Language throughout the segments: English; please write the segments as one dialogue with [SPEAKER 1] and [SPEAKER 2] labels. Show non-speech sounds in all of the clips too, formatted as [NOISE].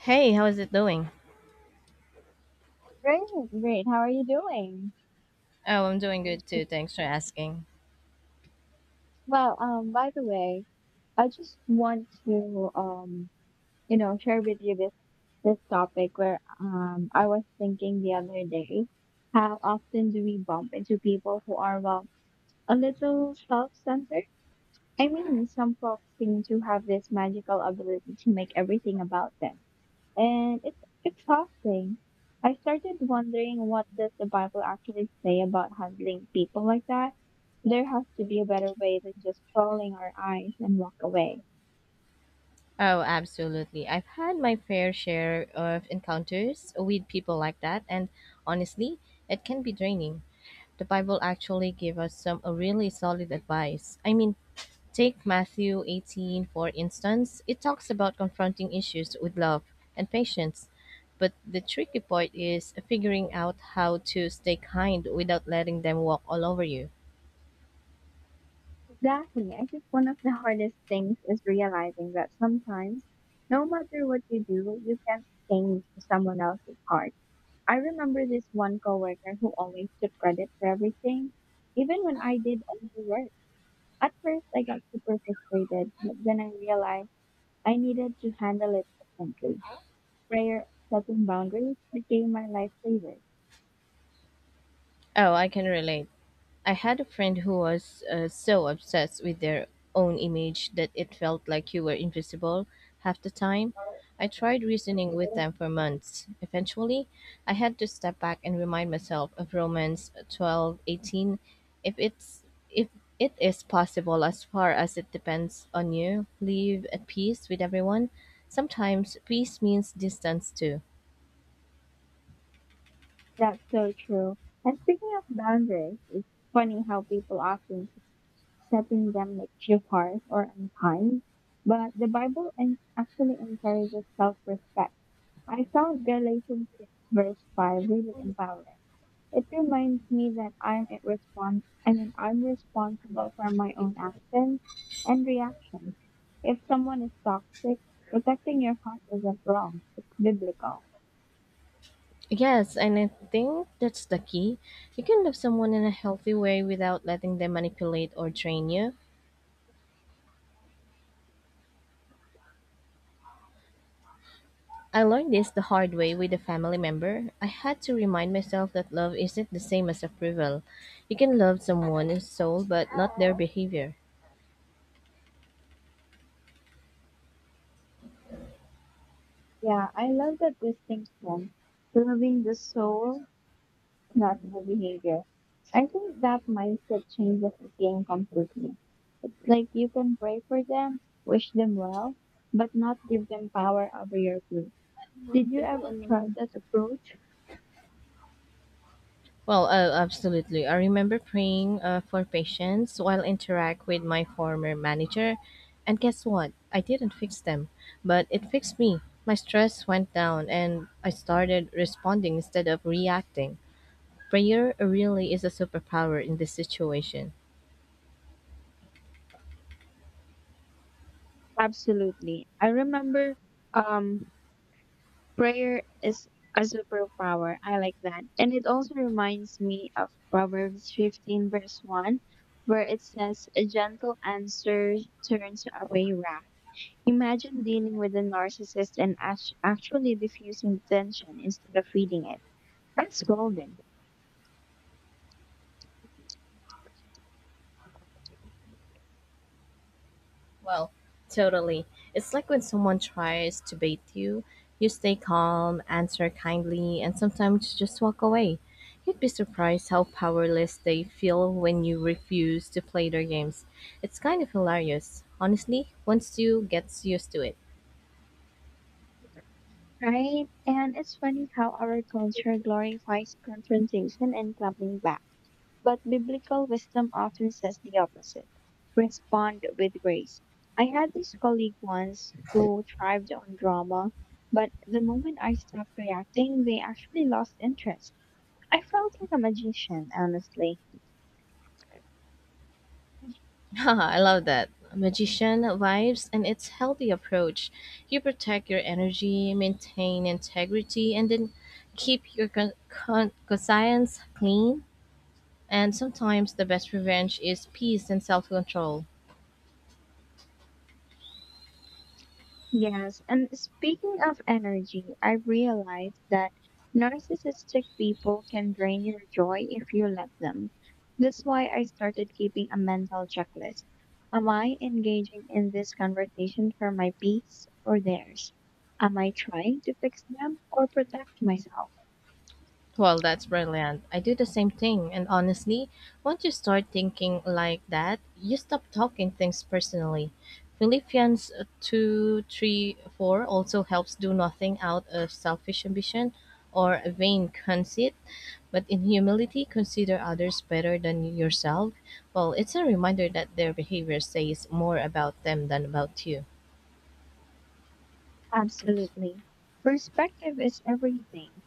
[SPEAKER 1] Hey, how is it doing?
[SPEAKER 2] Great, great. How are you doing?
[SPEAKER 1] Oh, I'm doing
[SPEAKER 2] I'm
[SPEAKER 1] good too. Thanks for asking.
[SPEAKER 2] Well, by the way, I just want to share with you this topic where I was thinking the other day. How often do we bump into people who are, well, a little self-centered? I mean, some folks seem to have this magical ability to make everything about them, and it's exhausting. I started wondering, what does the Bible actually say about handling people like that? There has to be a better way than just rolling our eyes and walk away.
[SPEAKER 1] Oh, absolutely. I've had my fair share of encounters with people like that, and honestly, it can be draining. The Bible actually gave us some really solid advice. I mean, take Matthew 18 for instance. It talks about confronting issues with love and patience. But the tricky part is figuring out how to stay kind without letting them walk all over you.
[SPEAKER 2] Exactly. I think one of the [LAUGHS] hardest things is realizing that sometimes, no matter what you do, you can't change someone else's heart. I remember this one coworker who always took credit for everything, even when I did all the work. At first, I got super frustrated, but then I realized I needed to handle it differently. Prayer, setting boundaries became my lifesaver.
[SPEAKER 1] Oh, I can relate. I had a friend who was so obsessed with their own image that it felt like you were invisible half the time. I tried reasoning with them for months. Eventually, I had to step back and remind myself of Romans 12:18. If it's if it is possible, as far as it depends on you, live at peace with everyone. Sometimes peace means distance too.
[SPEAKER 2] That's so true. And speaking of boundaries, it's funny how people often think setting them makes you harsh or unkind, but the Bible actually encourages self-respect. I found Galatians 6 verse 5 really empowering. It reminds me that I mean, I'm responsible for my own actions and reactions. If someone is toxic, protecting your heart isn't wrong. It's biblical.
[SPEAKER 1] Yes, and I think that's the key. You can love someone in a healthy way without letting them manipulate or train you. I learned this the hard way with a family member. I had to remind myself that love isn't the same as approval. You can love someone's soul but not their behavior.
[SPEAKER 2] Yeah, I love that distinction. Loving the soul, not the behavior. I think that mindset changes the game completely. It's like you can pray for them, wish them well, but not give them power over your food. Did you ever try that approach?
[SPEAKER 1] Well, absolutely. I remember praying for patience while interact with my former manager, and guess what? I didn't fix them, but it fixed me. My stress went down, and I started responding instead of reacting. Prayer really is a superpower in this situation.
[SPEAKER 2] Absolutely. I remember um prayer is a superpower. I like that. And it also reminds me of Proverbs 15 verse 1, where it says a gentle answer turns away wrath. Imagine dealing with a narcissist and actually diffusing the tension instead of feeding it. That's golden.
[SPEAKER 1] Well, totally. It's like when someone tries to bait you, you stay calm, answer kindly, and sometimes just walk away. You'd be surprised how powerless they feel when you refuse to play their games. It's kind of hilarious, honestly, once you get used to it.
[SPEAKER 2] Right? And it's funny how our culture glorifies confrontation and clapping back, but biblical wisdom often says the opposite: respond with grace. I had this colleague once who thrived on drama, but the moment I stopped reacting, they actually lost interest. I felt like a magician, honestly.
[SPEAKER 1] [LAUGHS] I love that. Magician vibes and its healthy approach. You protect your energy, maintain integrity, and then keep your conscience clean. And sometimes the best revenge is peace and self control.
[SPEAKER 2] Yes, and speaking of energy, I realized that narcissistic people can drain your joy if you let them. That's why I started keeping a mental checklist. Am I engaging in this conversation for my peace or theirs? Am I trying to fix them or protect myself?
[SPEAKER 1] Well, that's brilliant. I do the same thing. And honestly, once you start thinking like that, you stop talking things personally. Philippians 2 three, 4 also helps: do nothing out of selfish ambition or vain conceit, but in humility, consider others better than yourself. Well, it's a reminder that their behavior says more about them than about you.
[SPEAKER 2] Absolutely. Perspective is everything,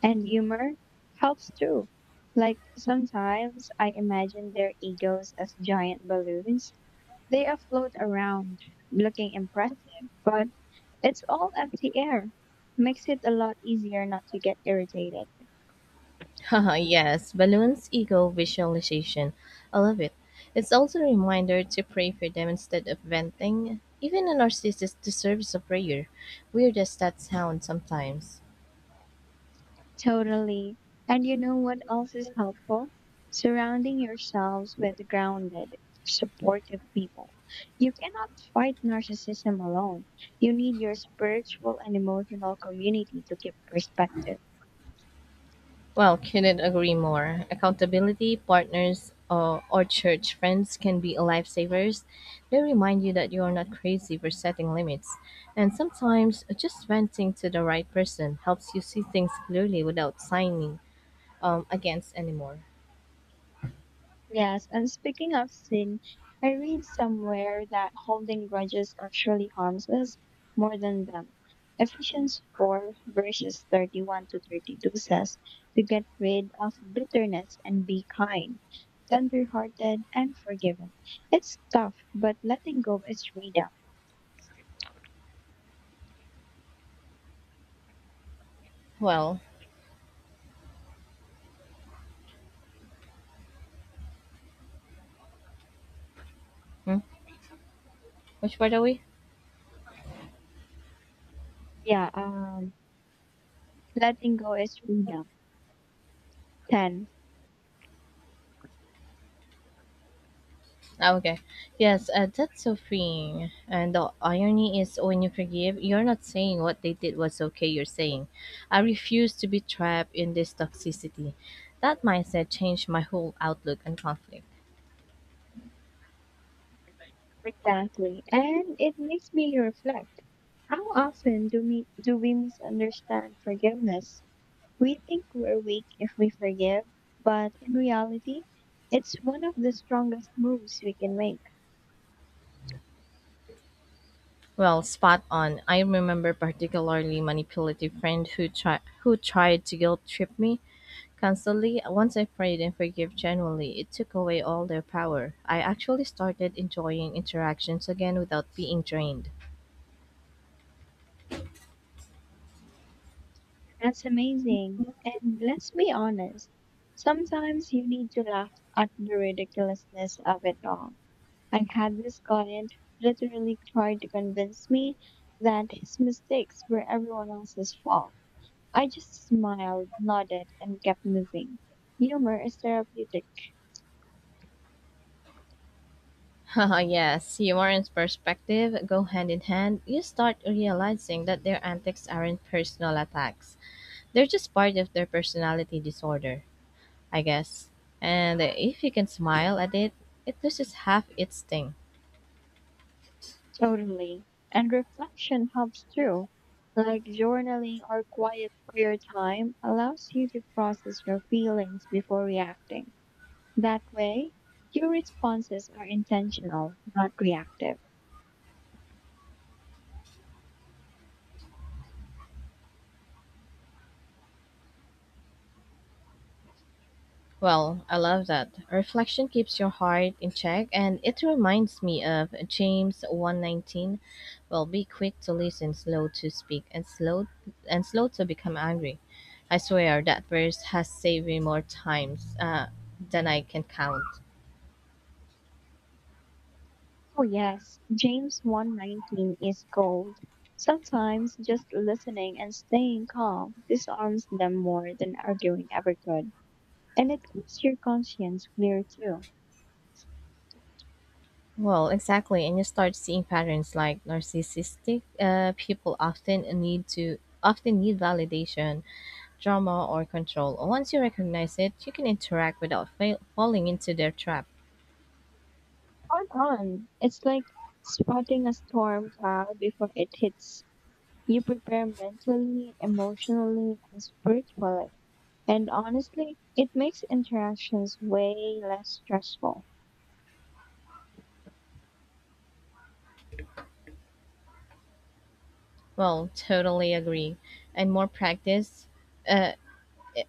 [SPEAKER 2] and humor helps too. Like, sometimes I imagine their egos as giant balloons. They are float around, looking impressive, but it's all empty air. Makes it a lot easier not to get irritated.
[SPEAKER 1] [LAUGHS] Haha, yes, balloons ego visualization. I love it. It's also a reminder to pray for them instead of venting. Even a narcissist deserves a prayer. Weird as that sounds sometimes.
[SPEAKER 2] Totally. And you know what else is helpful? Surrounding yourselves with grounded, supportive people. You cannot fight narcissism alone. You need your spiritual and emotional community to keep perspective.
[SPEAKER 1] Well, couldn't agree more. Accountability, partners, or church friends can be lifesavers. They remind you that you are not crazy for setting limits. And sometimes just venting to the right person helps you see things clearly without signing against anymore.
[SPEAKER 2] Yes, and speaking of sin, I read somewhere that holding grudges actually harms us more than them. Ephesians 4 verses 31 to 32 says to get rid of bitterness and be kind, tender-hearted and forgiving. It's tough, but letting go is freedom.
[SPEAKER 1] Well, hmm? Which part are we?
[SPEAKER 2] Yeah, letting go is freedom. 10.
[SPEAKER 1] Ah, okay. Yes, that's so freeing. And the irony is, when you forgive, you're not saying what they did was okay. You're saying, I refuse to be trapped in this toxicity. That mindset changed my whole outlook on conflict.
[SPEAKER 2] Exactly. And it makes me reflect. How often do we misunderstand forgiveness? We think we're weak if we forgive, but in reality, it's one of the strongest moves we can make.
[SPEAKER 1] Well, spot on. I remember particularly manipulative friend who tried to guilt trip me constantly. Once I prayed and forgave genuinely, it took away all their power. I actually started enjoying interactions again without being drained.
[SPEAKER 2] That's amazing. And let's be honest, sometimes you need to laugh at the ridiculousness of it all. I had this client literally try to convince me that his mistakes were everyone else's fault. I just smiled, nodded, and kept moving. Humor is therapeutic.
[SPEAKER 1] Haha, yes, humor and perspective go hand in hand. You start realizing that their antics aren't personal attacks, they're just part of their personality disorder, I guess. And if you can smile at it, it loses half its sting.
[SPEAKER 2] Totally. And reflection helps too. Like journaling or quiet prayer time allows you to process your feelings before reacting. That way, your responses are intentional, not reactive.
[SPEAKER 1] Well, I love that. Reflection keeps your heart in check, and it reminds me of James 1:19. Well, be quick to listen, slow to speak, and slow to become angry. I swear that verse has saved me more times than I can count.
[SPEAKER 2] Oh, yes, James 1:19 is gold. Sometimes just listening and staying calm disarms them more than arguing ever could. And it keeps your conscience clear too.
[SPEAKER 1] Well, exactly, and you start seeing patterns like narcissistic people often need validation, drama, or control. Once you recognize it, you can interact without falling into their trap.
[SPEAKER 2] Hold on. It's like spotting a storm cloud before it hits. You prepare mentally, emotionally, and spiritually. And honestly, it makes interactions way less stressful.
[SPEAKER 1] Well, totally agree. And more practice, uh,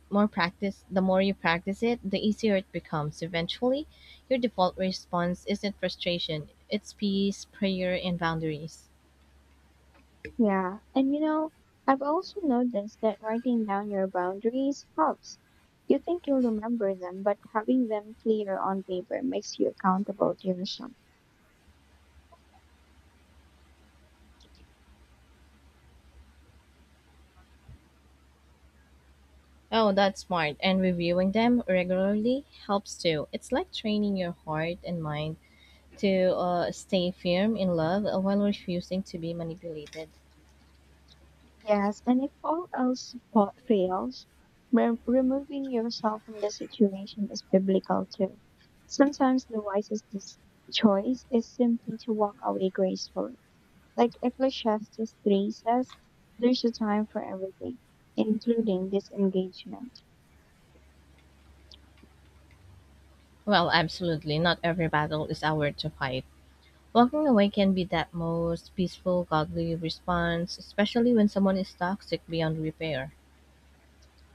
[SPEAKER 1] More practice, the more you practice it, the easier it becomes. Eventually, your default response isn't frustration, it's peace, prayer, and boundaries.
[SPEAKER 2] Yeah. And you know, I've also noticed that writing down your boundaries helps. You think you'll remember them, but having them clear on paper makes you accountable to yourself.
[SPEAKER 1] Oh, that's smart. And reviewing them regularly helps too. It's like training your heart and mind to stay firm in love while refusing to be manipulated.
[SPEAKER 2] Yes, and if all else fails, removing yourself from the situation is biblical too. Sometimes the wisest choice is simply to walk away gracefully. Like Ecclesiastes 3 says, there's a time for everything, including disengagement.
[SPEAKER 1] Well, absolutely. Not every battle is ours to fight. Walking away can be that most peaceful, godly response, especially when someone is toxic beyond repair.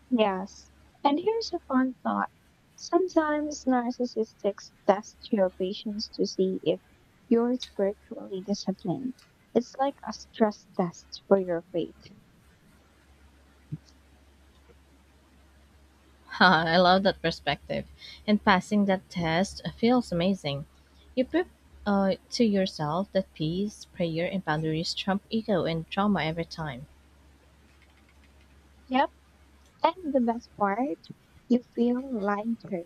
[SPEAKER 2] Yes. And here's a fun thought. Sometimes narcissists test your patience to see if you're spiritually disciplined. It's like a stress test for your faith.
[SPEAKER 1] [LAUGHS] I love that perspective. And passing that test feels amazing. You prove to yourself that peace, prayer, and boundaries trump ego and trauma every time.
[SPEAKER 2] Yep. And the best part, you feel lighter,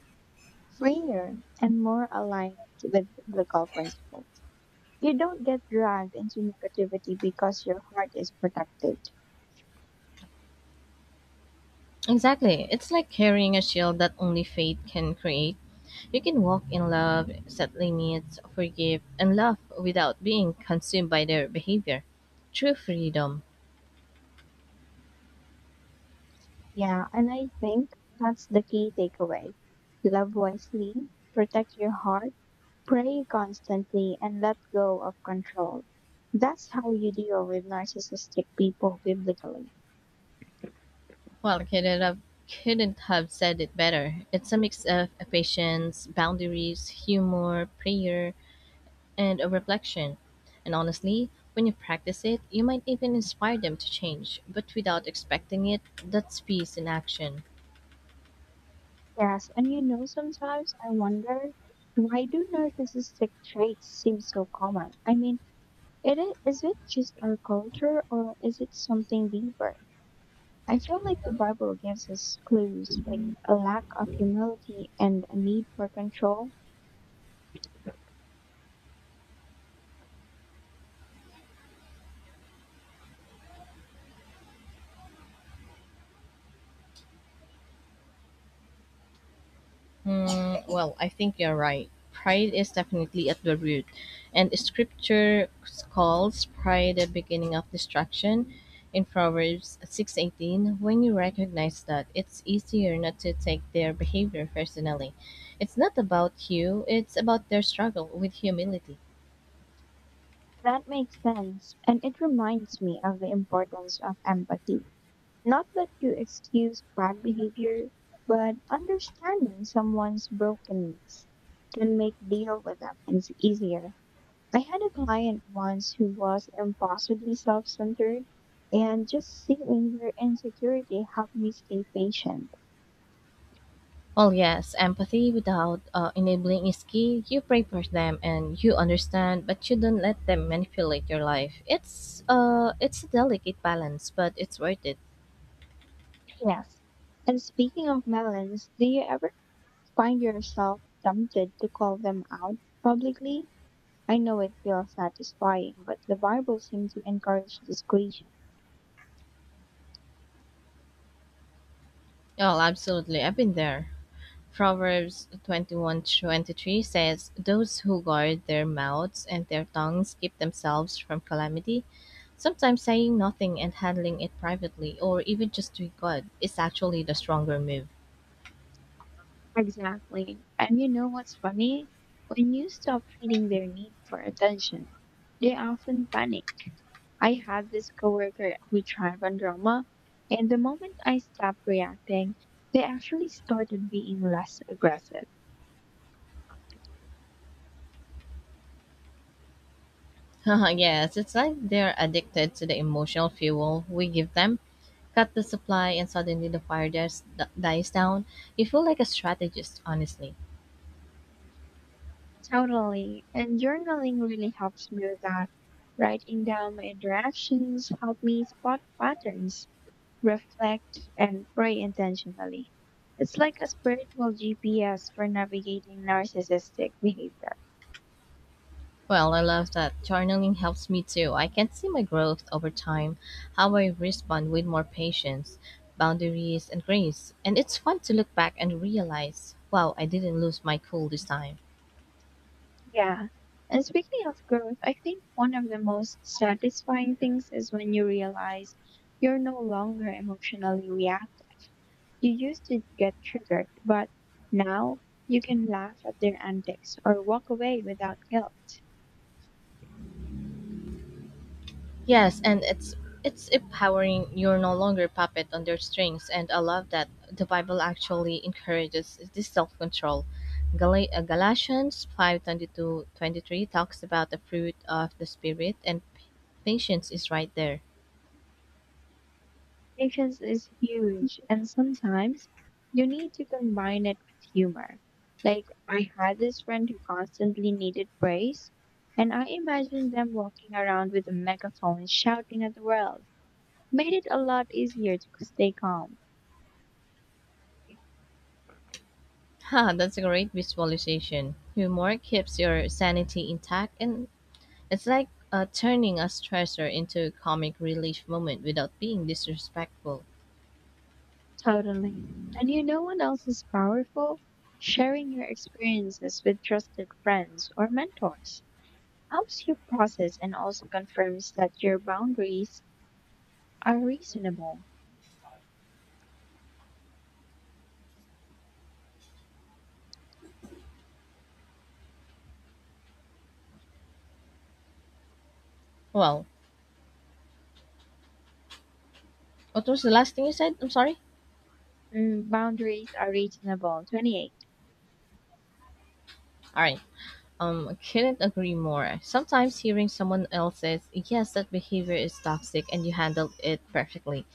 [SPEAKER 2] freer, and more aligned with biblical principles. You don't get dragged into negativity because your heart is protected.
[SPEAKER 1] Exactly. It's like carrying a shield that only faith can create. You can walk in love, set limits, forgive, and love without being consumed by their behavior. True freedom.
[SPEAKER 2] Yeah, and I think that's the key takeaway. Love wisely, protect your heart, pray constantly, and let go of control. That's how you deal with narcissistic people biblically.
[SPEAKER 1] Well, couldn't have said it better. It's a mix of patience, boundaries, humor, prayer, and a reflection. And honestly, when you practice it, you might even inspire them to change, but without expecting it, that's peace in action.
[SPEAKER 2] Yes, and you know, sometimes I wonder, why do narcissistic traits seem so common? I mean, it is it just our culture or is it something deeper? I feel like the Bible gives us clues, like a lack of humility and a need for control.
[SPEAKER 1] Hmm, well, I think you're right. Pride is definitely at the root. And scripture calls pride the beginning of destruction in Proverbs 6:18. When you recognize that, it's easier not to take their behavior personally. It's not about you, it's about their struggle with humility.
[SPEAKER 2] That makes sense. And it reminds me of the importance of empathy. Not that you excuse bad behavior, but understanding someone's brokenness can make deal with them is easier. I had a client once who was impossibly self-centered, and just seeing their insecurity helped me stay patient.
[SPEAKER 1] Well, yes, empathy without enabling is key. You pray for them and you understand, but you don't let them manipulate your life. It's a delicate balance, but it's worth it.
[SPEAKER 2] Yes. And speaking of melons, do you ever find yourself tempted to call them out publicly? I know it feels satisfying, but the Bible seems to encourage discretion.
[SPEAKER 1] Oh, absolutely. I've been there. Proverbs 21:23 says, "Those who guard their mouths and their tongues keep themselves from calamity." Sometimes saying nothing and handling it privately, or even just to God, is actually the stronger move.
[SPEAKER 2] Exactly. And you know what's funny? When you stop feeling their need for attention, they often panic. I had this coworker who thrived on drama, and the moment I stopped reacting, they actually started being less aggressive.
[SPEAKER 1] [LAUGHS] Yes, it's like they're addicted to the emotional fuel we give them. Cut the supply, and suddenly dies down. You feel like a strategist, honestly.
[SPEAKER 2] Totally. And journaling really helps me with that. Writing down my interactions helped me spot patterns, reflect, and pray intentionally. It's like a spiritual GPS for navigating narcissistic behavior.
[SPEAKER 1] Well, I love that. Journaling helps me too. I can see my growth over time, how I respond with more patience, boundaries, and grace. And it's fun to look back and realize, wow, I didn't lose my cool this time.
[SPEAKER 2] Yeah. And speaking of growth, I think one of the most satisfying things is when you realize you're no longer emotionally reactive. You used to get triggered, but now you can laugh at their antics or walk away without guilt.
[SPEAKER 1] Yes, and it's empowering. You're no longer a puppet on their strings, and I love that the Bible actually encourages this self-control. Galatians 5:22-23 talks about the fruit of the spirit, and patience is right there.
[SPEAKER 2] Patience is huge, and sometimes you need to combine it with humor. Like, I had this friend who constantly needed praise, and I imagined them walking around with a megaphone shouting at the world. Made it a lot easier to stay calm.
[SPEAKER 1] [LAUGHS] Ha, that's a great visualization. Humor keeps your sanity intact, and it's like turning a stressor into a comic relief moment without being disrespectful.
[SPEAKER 2] Totally. And you know what else is powerful? Sharing your experiences with trusted friends or mentors helps you process and also confirms that your boundaries are reasonable.
[SPEAKER 1] Well, what was the last thing you said? I'm sorry.
[SPEAKER 2] Mm, boundaries are reasonable. 28.
[SPEAKER 1] All right. Couldn't agree more. Sometimes hearing someone else's, yes, that behavior is toxic and you handled it perfectly,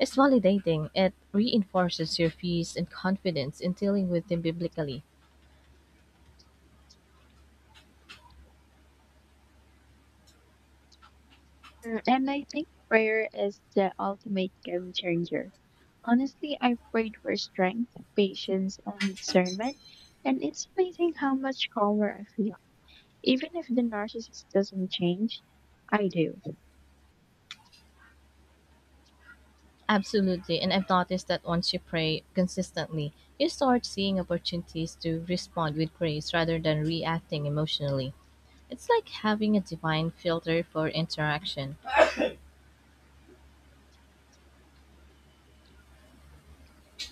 [SPEAKER 1] is validating. It reinforces your peace and confidence in dealing with them biblically.
[SPEAKER 2] Mm, and I think prayer is the ultimate game changer. Honestly, I've prayed for strength, patience, and discernment, and it's amazing how much calmer I feel. Even if the narcissist doesn't change, I do.
[SPEAKER 1] Absolutely. And I've noticed that once you pray consistently, you start seeing opportunities to respond with grace rather than reacting emotionally. It's like having a divine filter for interaction.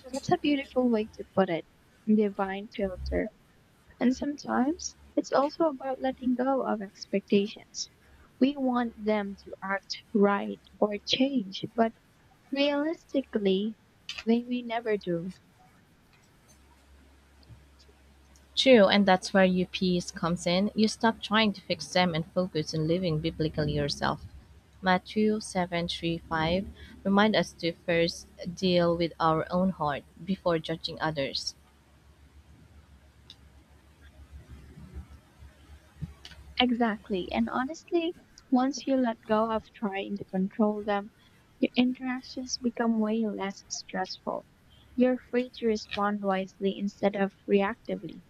[SPEAKER 2] That's a beautiful way to put it. Divine filter. And sometimes it's also about letting go of expectations. We want them to act right or change, but realistically, they may never do.
[SPEAKER 1] True, and that's where your peace comes in. You stop trying to fix them and focus on living biblically yourself. Matthew 7:35 remind us to first deal with our own heart before judging others.
[SPEAKER 2] Exactly. And honestly, once you let go of trying to control them, your interactions become way less stressful. You're free to respond wisely instead of reactively.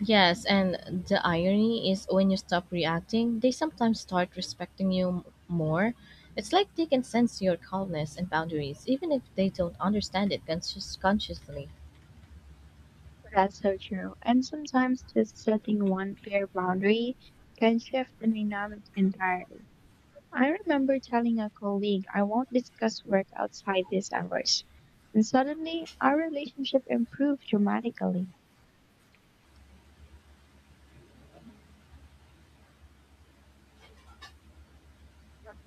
[SPEAKER 1] Yes, and the irony is when you stop reacting, they sometimes start respecting you more. It's like they can sense your calmness and boundaries even if they don't understand it consciously.
[SPEAKER 2] That's so true. And sometimes just setting one clear boundary can shift the dynamic entirely. I remember telling a colleague, I won't discuss work outside these hours. And suddenly, our relationship improved dramatically.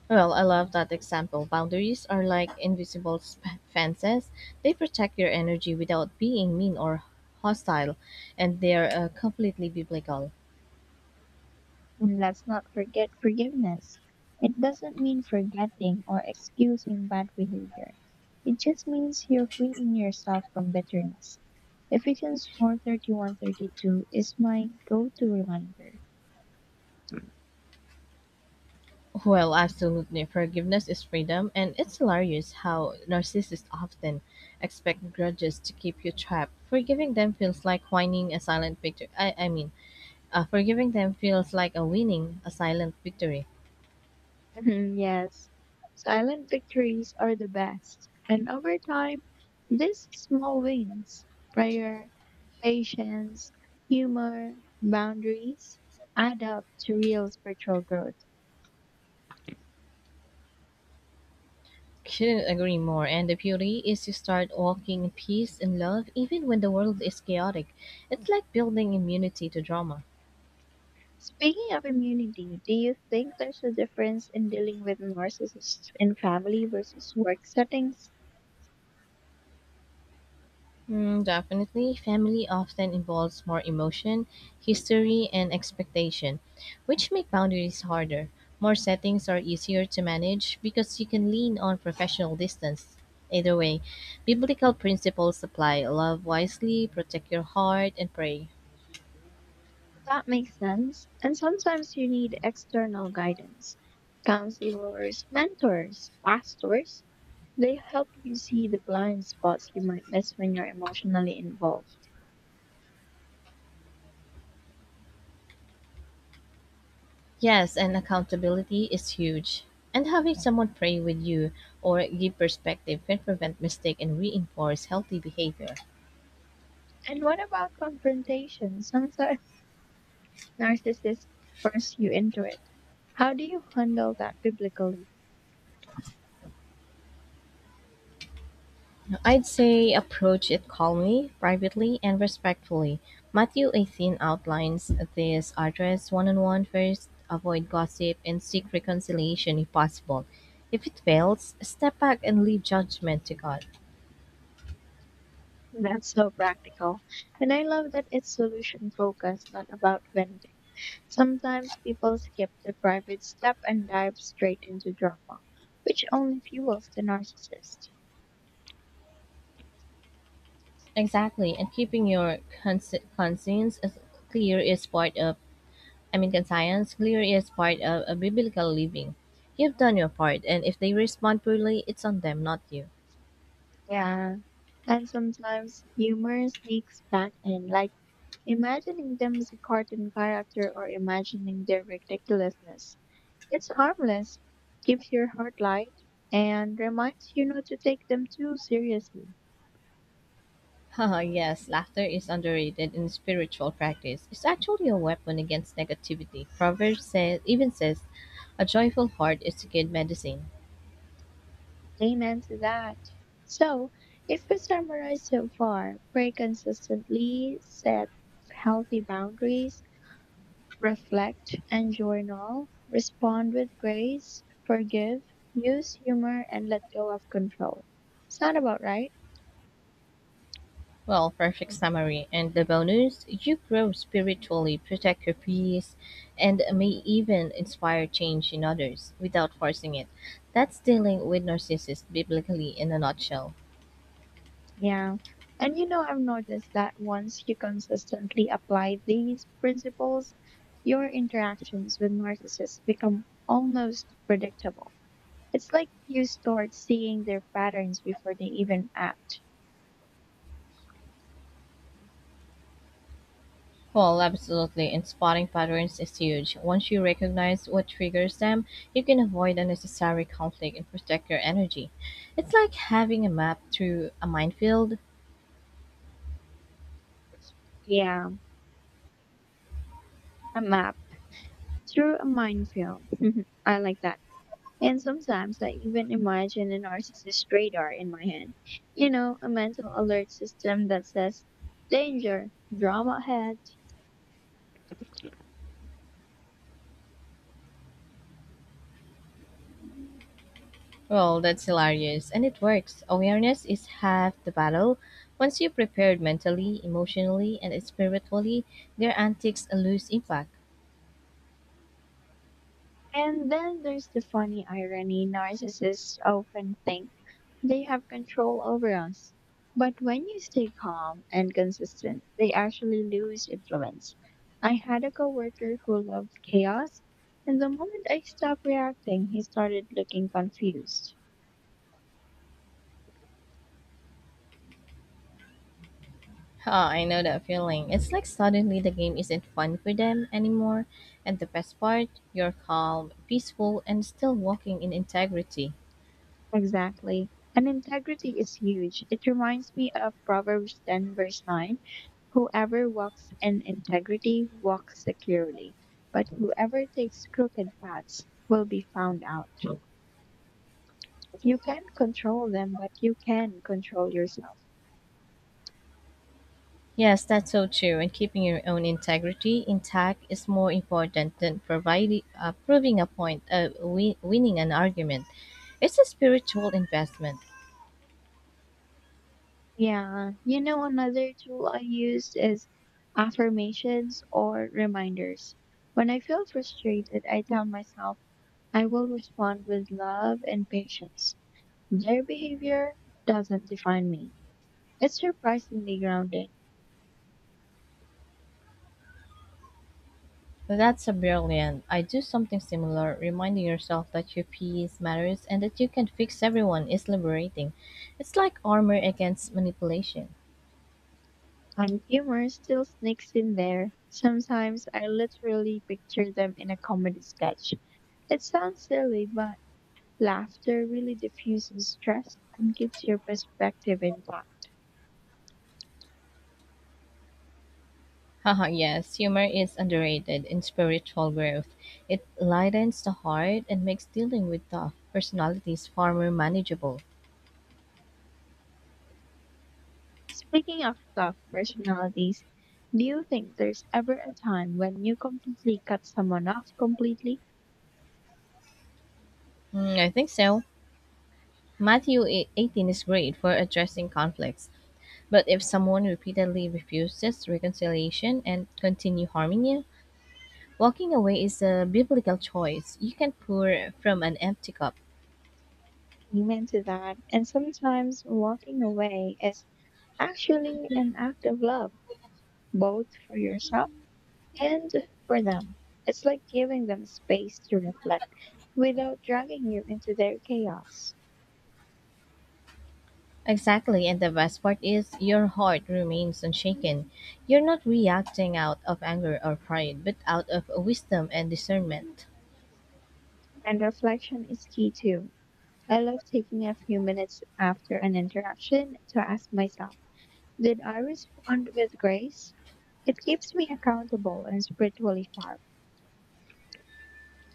[SPEAKER 1] Well, I love that example. Boundaries are like invisible fences. They protect your energy without being mean or hostile, and they are completely biblical.
[SPEAKER 2] And let's not forget forgiveness. It doesn't mean forgetting or excusing bad behavior. It just means you're freeing yourself from bitterness. Ephesians 4:31-32 is my go-to reminder.
[SPEAKER 1] Well, absolutely. Forgiveness is freedom, and it's hilarious how narcissists often expect grudges to keep you trapped. Forgiving them feels like whining a silent victory. Forgiving them feels like a winning a silent victory.
[SPEAKER 2] Mhm, yes. Silent victories are the best. And over time, these small wins, prayer, patience, humor, boundaries, add up to real spiritual growth.
[SPEAKER 1] Couldn't agree more, and the beauty is to start walking in peace and love even when the world is chaotic. It's like building immunity to drama.
[SPEAKER 2] Speaking of immunity, do you think there's a difference in dealing with narcissists in family versus work settings?
[SPEAKER 1] Mm, definitely, family often involves more emotion, history, and expectation, which make boundaries harder. More settings are easier to manage because you can lean on professional distance. Either way, biblical principles apply: love wisely, protect your heart, and pray.
[SPEAKER 2] That makes sense. And sometimes you need external guidance. Counselors, mentors, pastors, they help you see the blind spots you might miss when you're emotionally involved.
[SPEAKER 1] Yes, and accountability is huge. And having someone pray with you or give perspective can prevent mistake and reinforce healthy behavior.
[SPEAKER 2] And what about confrontation? Sometimes [LAUGHS] narcissists force you into it. How do you handle that biblically?
[SPEAKER 1] I'd say approach it calmly, privately, and respectfully. Matthew 18 outlines this: address one on one first, avoid gossip, and seek reconciliation if possible. If it fails, step back and leave judgment to God.
[SPEAKER 2] That's so practical. And I love that it's solution focused, not about venting. Sometimes people skip the private step and dive straight into drama, which only fuels the narcissist.
[SPEAKER 1] Exactly, and keeping your conscience as clear is part of American Science clear is part of a biblical living. You've done your part, and if they respond poorly, it's on them, not you.
[SPEAKER 2] Yeah. And sometimes humor sneaks back in, like imagining them as a cartoon character or imagining their ridiculousness. It's harmless, keeps your heart light, and reminds you not to take them too seriously.
[SPEAKER 1] [LAUGHS] Haha, yes, laughter is underrated in spiritual practice. It's actually a weapon against negativity. Even says, a joyful heart is good medicine.
[SPEAKER 2] Amen to that. So, if we summarize so far, pray consistently, set healthy boundaries, reflect and journal, respond with grace, forgive, use humor, and let go of control. Sound about right?
[SPEAKER 1] Well, perfect summary. And the bonus, you grow spiritually, protect your peace, and may even inspire change in others without forcing it. That's dealing with narcissists biblically in a nutshell.
[SPEAKER 2] Yeah. And you know, I've noticed that once you consistently apply these principles, your interactions with narcissists become almost predictable. It's like you start seeing their patterns before they even act.
[SPEAKER 1] Well, absolutely, and spotting patterns is huge. Once you recognize what triggers them, you can avoid unnecessary conflict and protect your energy. It's like having a map through a minefield.
[SPEAKER 2] Yeah, a map through a minefield. [LAUGHS] I like that. And sometimes I even imagine a narcissist radar in my head. You know, a mental alert system that says, danger, drama ahead.
[SPEAKER 1] Well, that's hilarious, and it works. Awareness is half the battle. Once you're prepared mentally, emotionally, and spiritually, their antics lose impact.
[SPEAKER 2] And then there's the funny irony: narcissists often think they have control over us. But when you stay calm and consistent, they actually lose influence. I had a coworker who loved chaos, and the moment I stopped reacting, he started looking confused.
[SPEAKER 1] Oh, I know that feeling. It's like suddenly the game isn't fun for them anymore. And the best part, you're calm, peaceful, and still walking in integrity.
[SPEAKER 2] Exactly. And integrity is huge. It reminds me of Proverbs 10, verse 9. Whoever walks in integrity walks securely, but whoever takes crooked paths will be found out. You can't control them, but you can control yourself.
[SPEAKER 1] Yes, that's so true. And keeping your own integrity intact is more important than proving a point, winning an argument. It's a spiritual investment.
[SPEAKER 2] Yeah. You know, another tool I use is affirmations or reminders. When I feel frustrated, I tell myself, I will respond with love and patience. Their behavior doesn't define me. It's surprisingly grounding,
[SPEAKER 1] That's a brilliant. I do something similar. Reminding yourself that your peace matters and that you can fix everyone is liberating. It's like armor against manipulation.
[SPEAKER 2] and humor still sneaks in there. Sometimes I literally picture them in a comedy sketch. It sounds silly, but laughter really diffuses stress and keeps your perspective intact.
[SPEAKER 1] Haha, yes, humor is underrated in spiritual growth. It lightens the heart and makes dealing with tough personalities far more manageable.
[SPEAKER 2] Speaking of tough personalities, do you think there's ever a time when you completely cut someone off completely?
[SPEAKER 1] Mm, I think so. 18 is great for addressing conflicts, but if someone repeatedly refuses reconciliation and continue harming you, walking away is a biblical choice. You can pour from an empty cup.
[SPEAKER 2] Amen to that. And sometimes walking away is actually an act of love, both for yourself and for them. It's like giving them space to reflect without dragging you into their chaos.
[SPEAKER 1] Exactly, and the best part is your heart remains unshaken. You're not reacting out of anger or pride, but out of wisdom and discernment.
[SPEAKER 2] And reflection is key too. I love taking a few minutes after an interaction to ask myself, did I respond with grace? It keeps me accountable and spiritually sharp.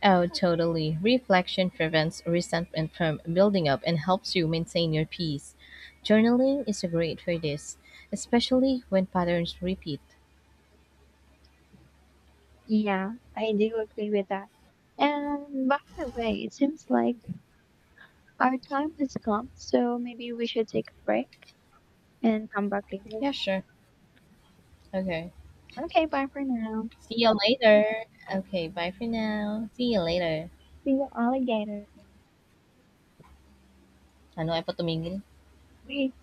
[SPEAKER 1] Oh, totally. Reflection prevents resentment from building up and helps you maintain your peace. Journaling is great for this, especially when patterns repeat.
[SPEAKER 2] Yeah, I do agree with that. And by the way, it seems like our time has come, so maybe we should take a break and come back later.
[SPEAKER 1] Yeah, sure. Okay.
[SPEAKER 2] Okay, bye for now.
[SPEAKER 1] See you later. Okay, bye for now. See you later.
[SPEAKER 2] See you, alligator.
[SPEAKER 1] Ano ay patumingin?
[SPEAKER 2] Wait.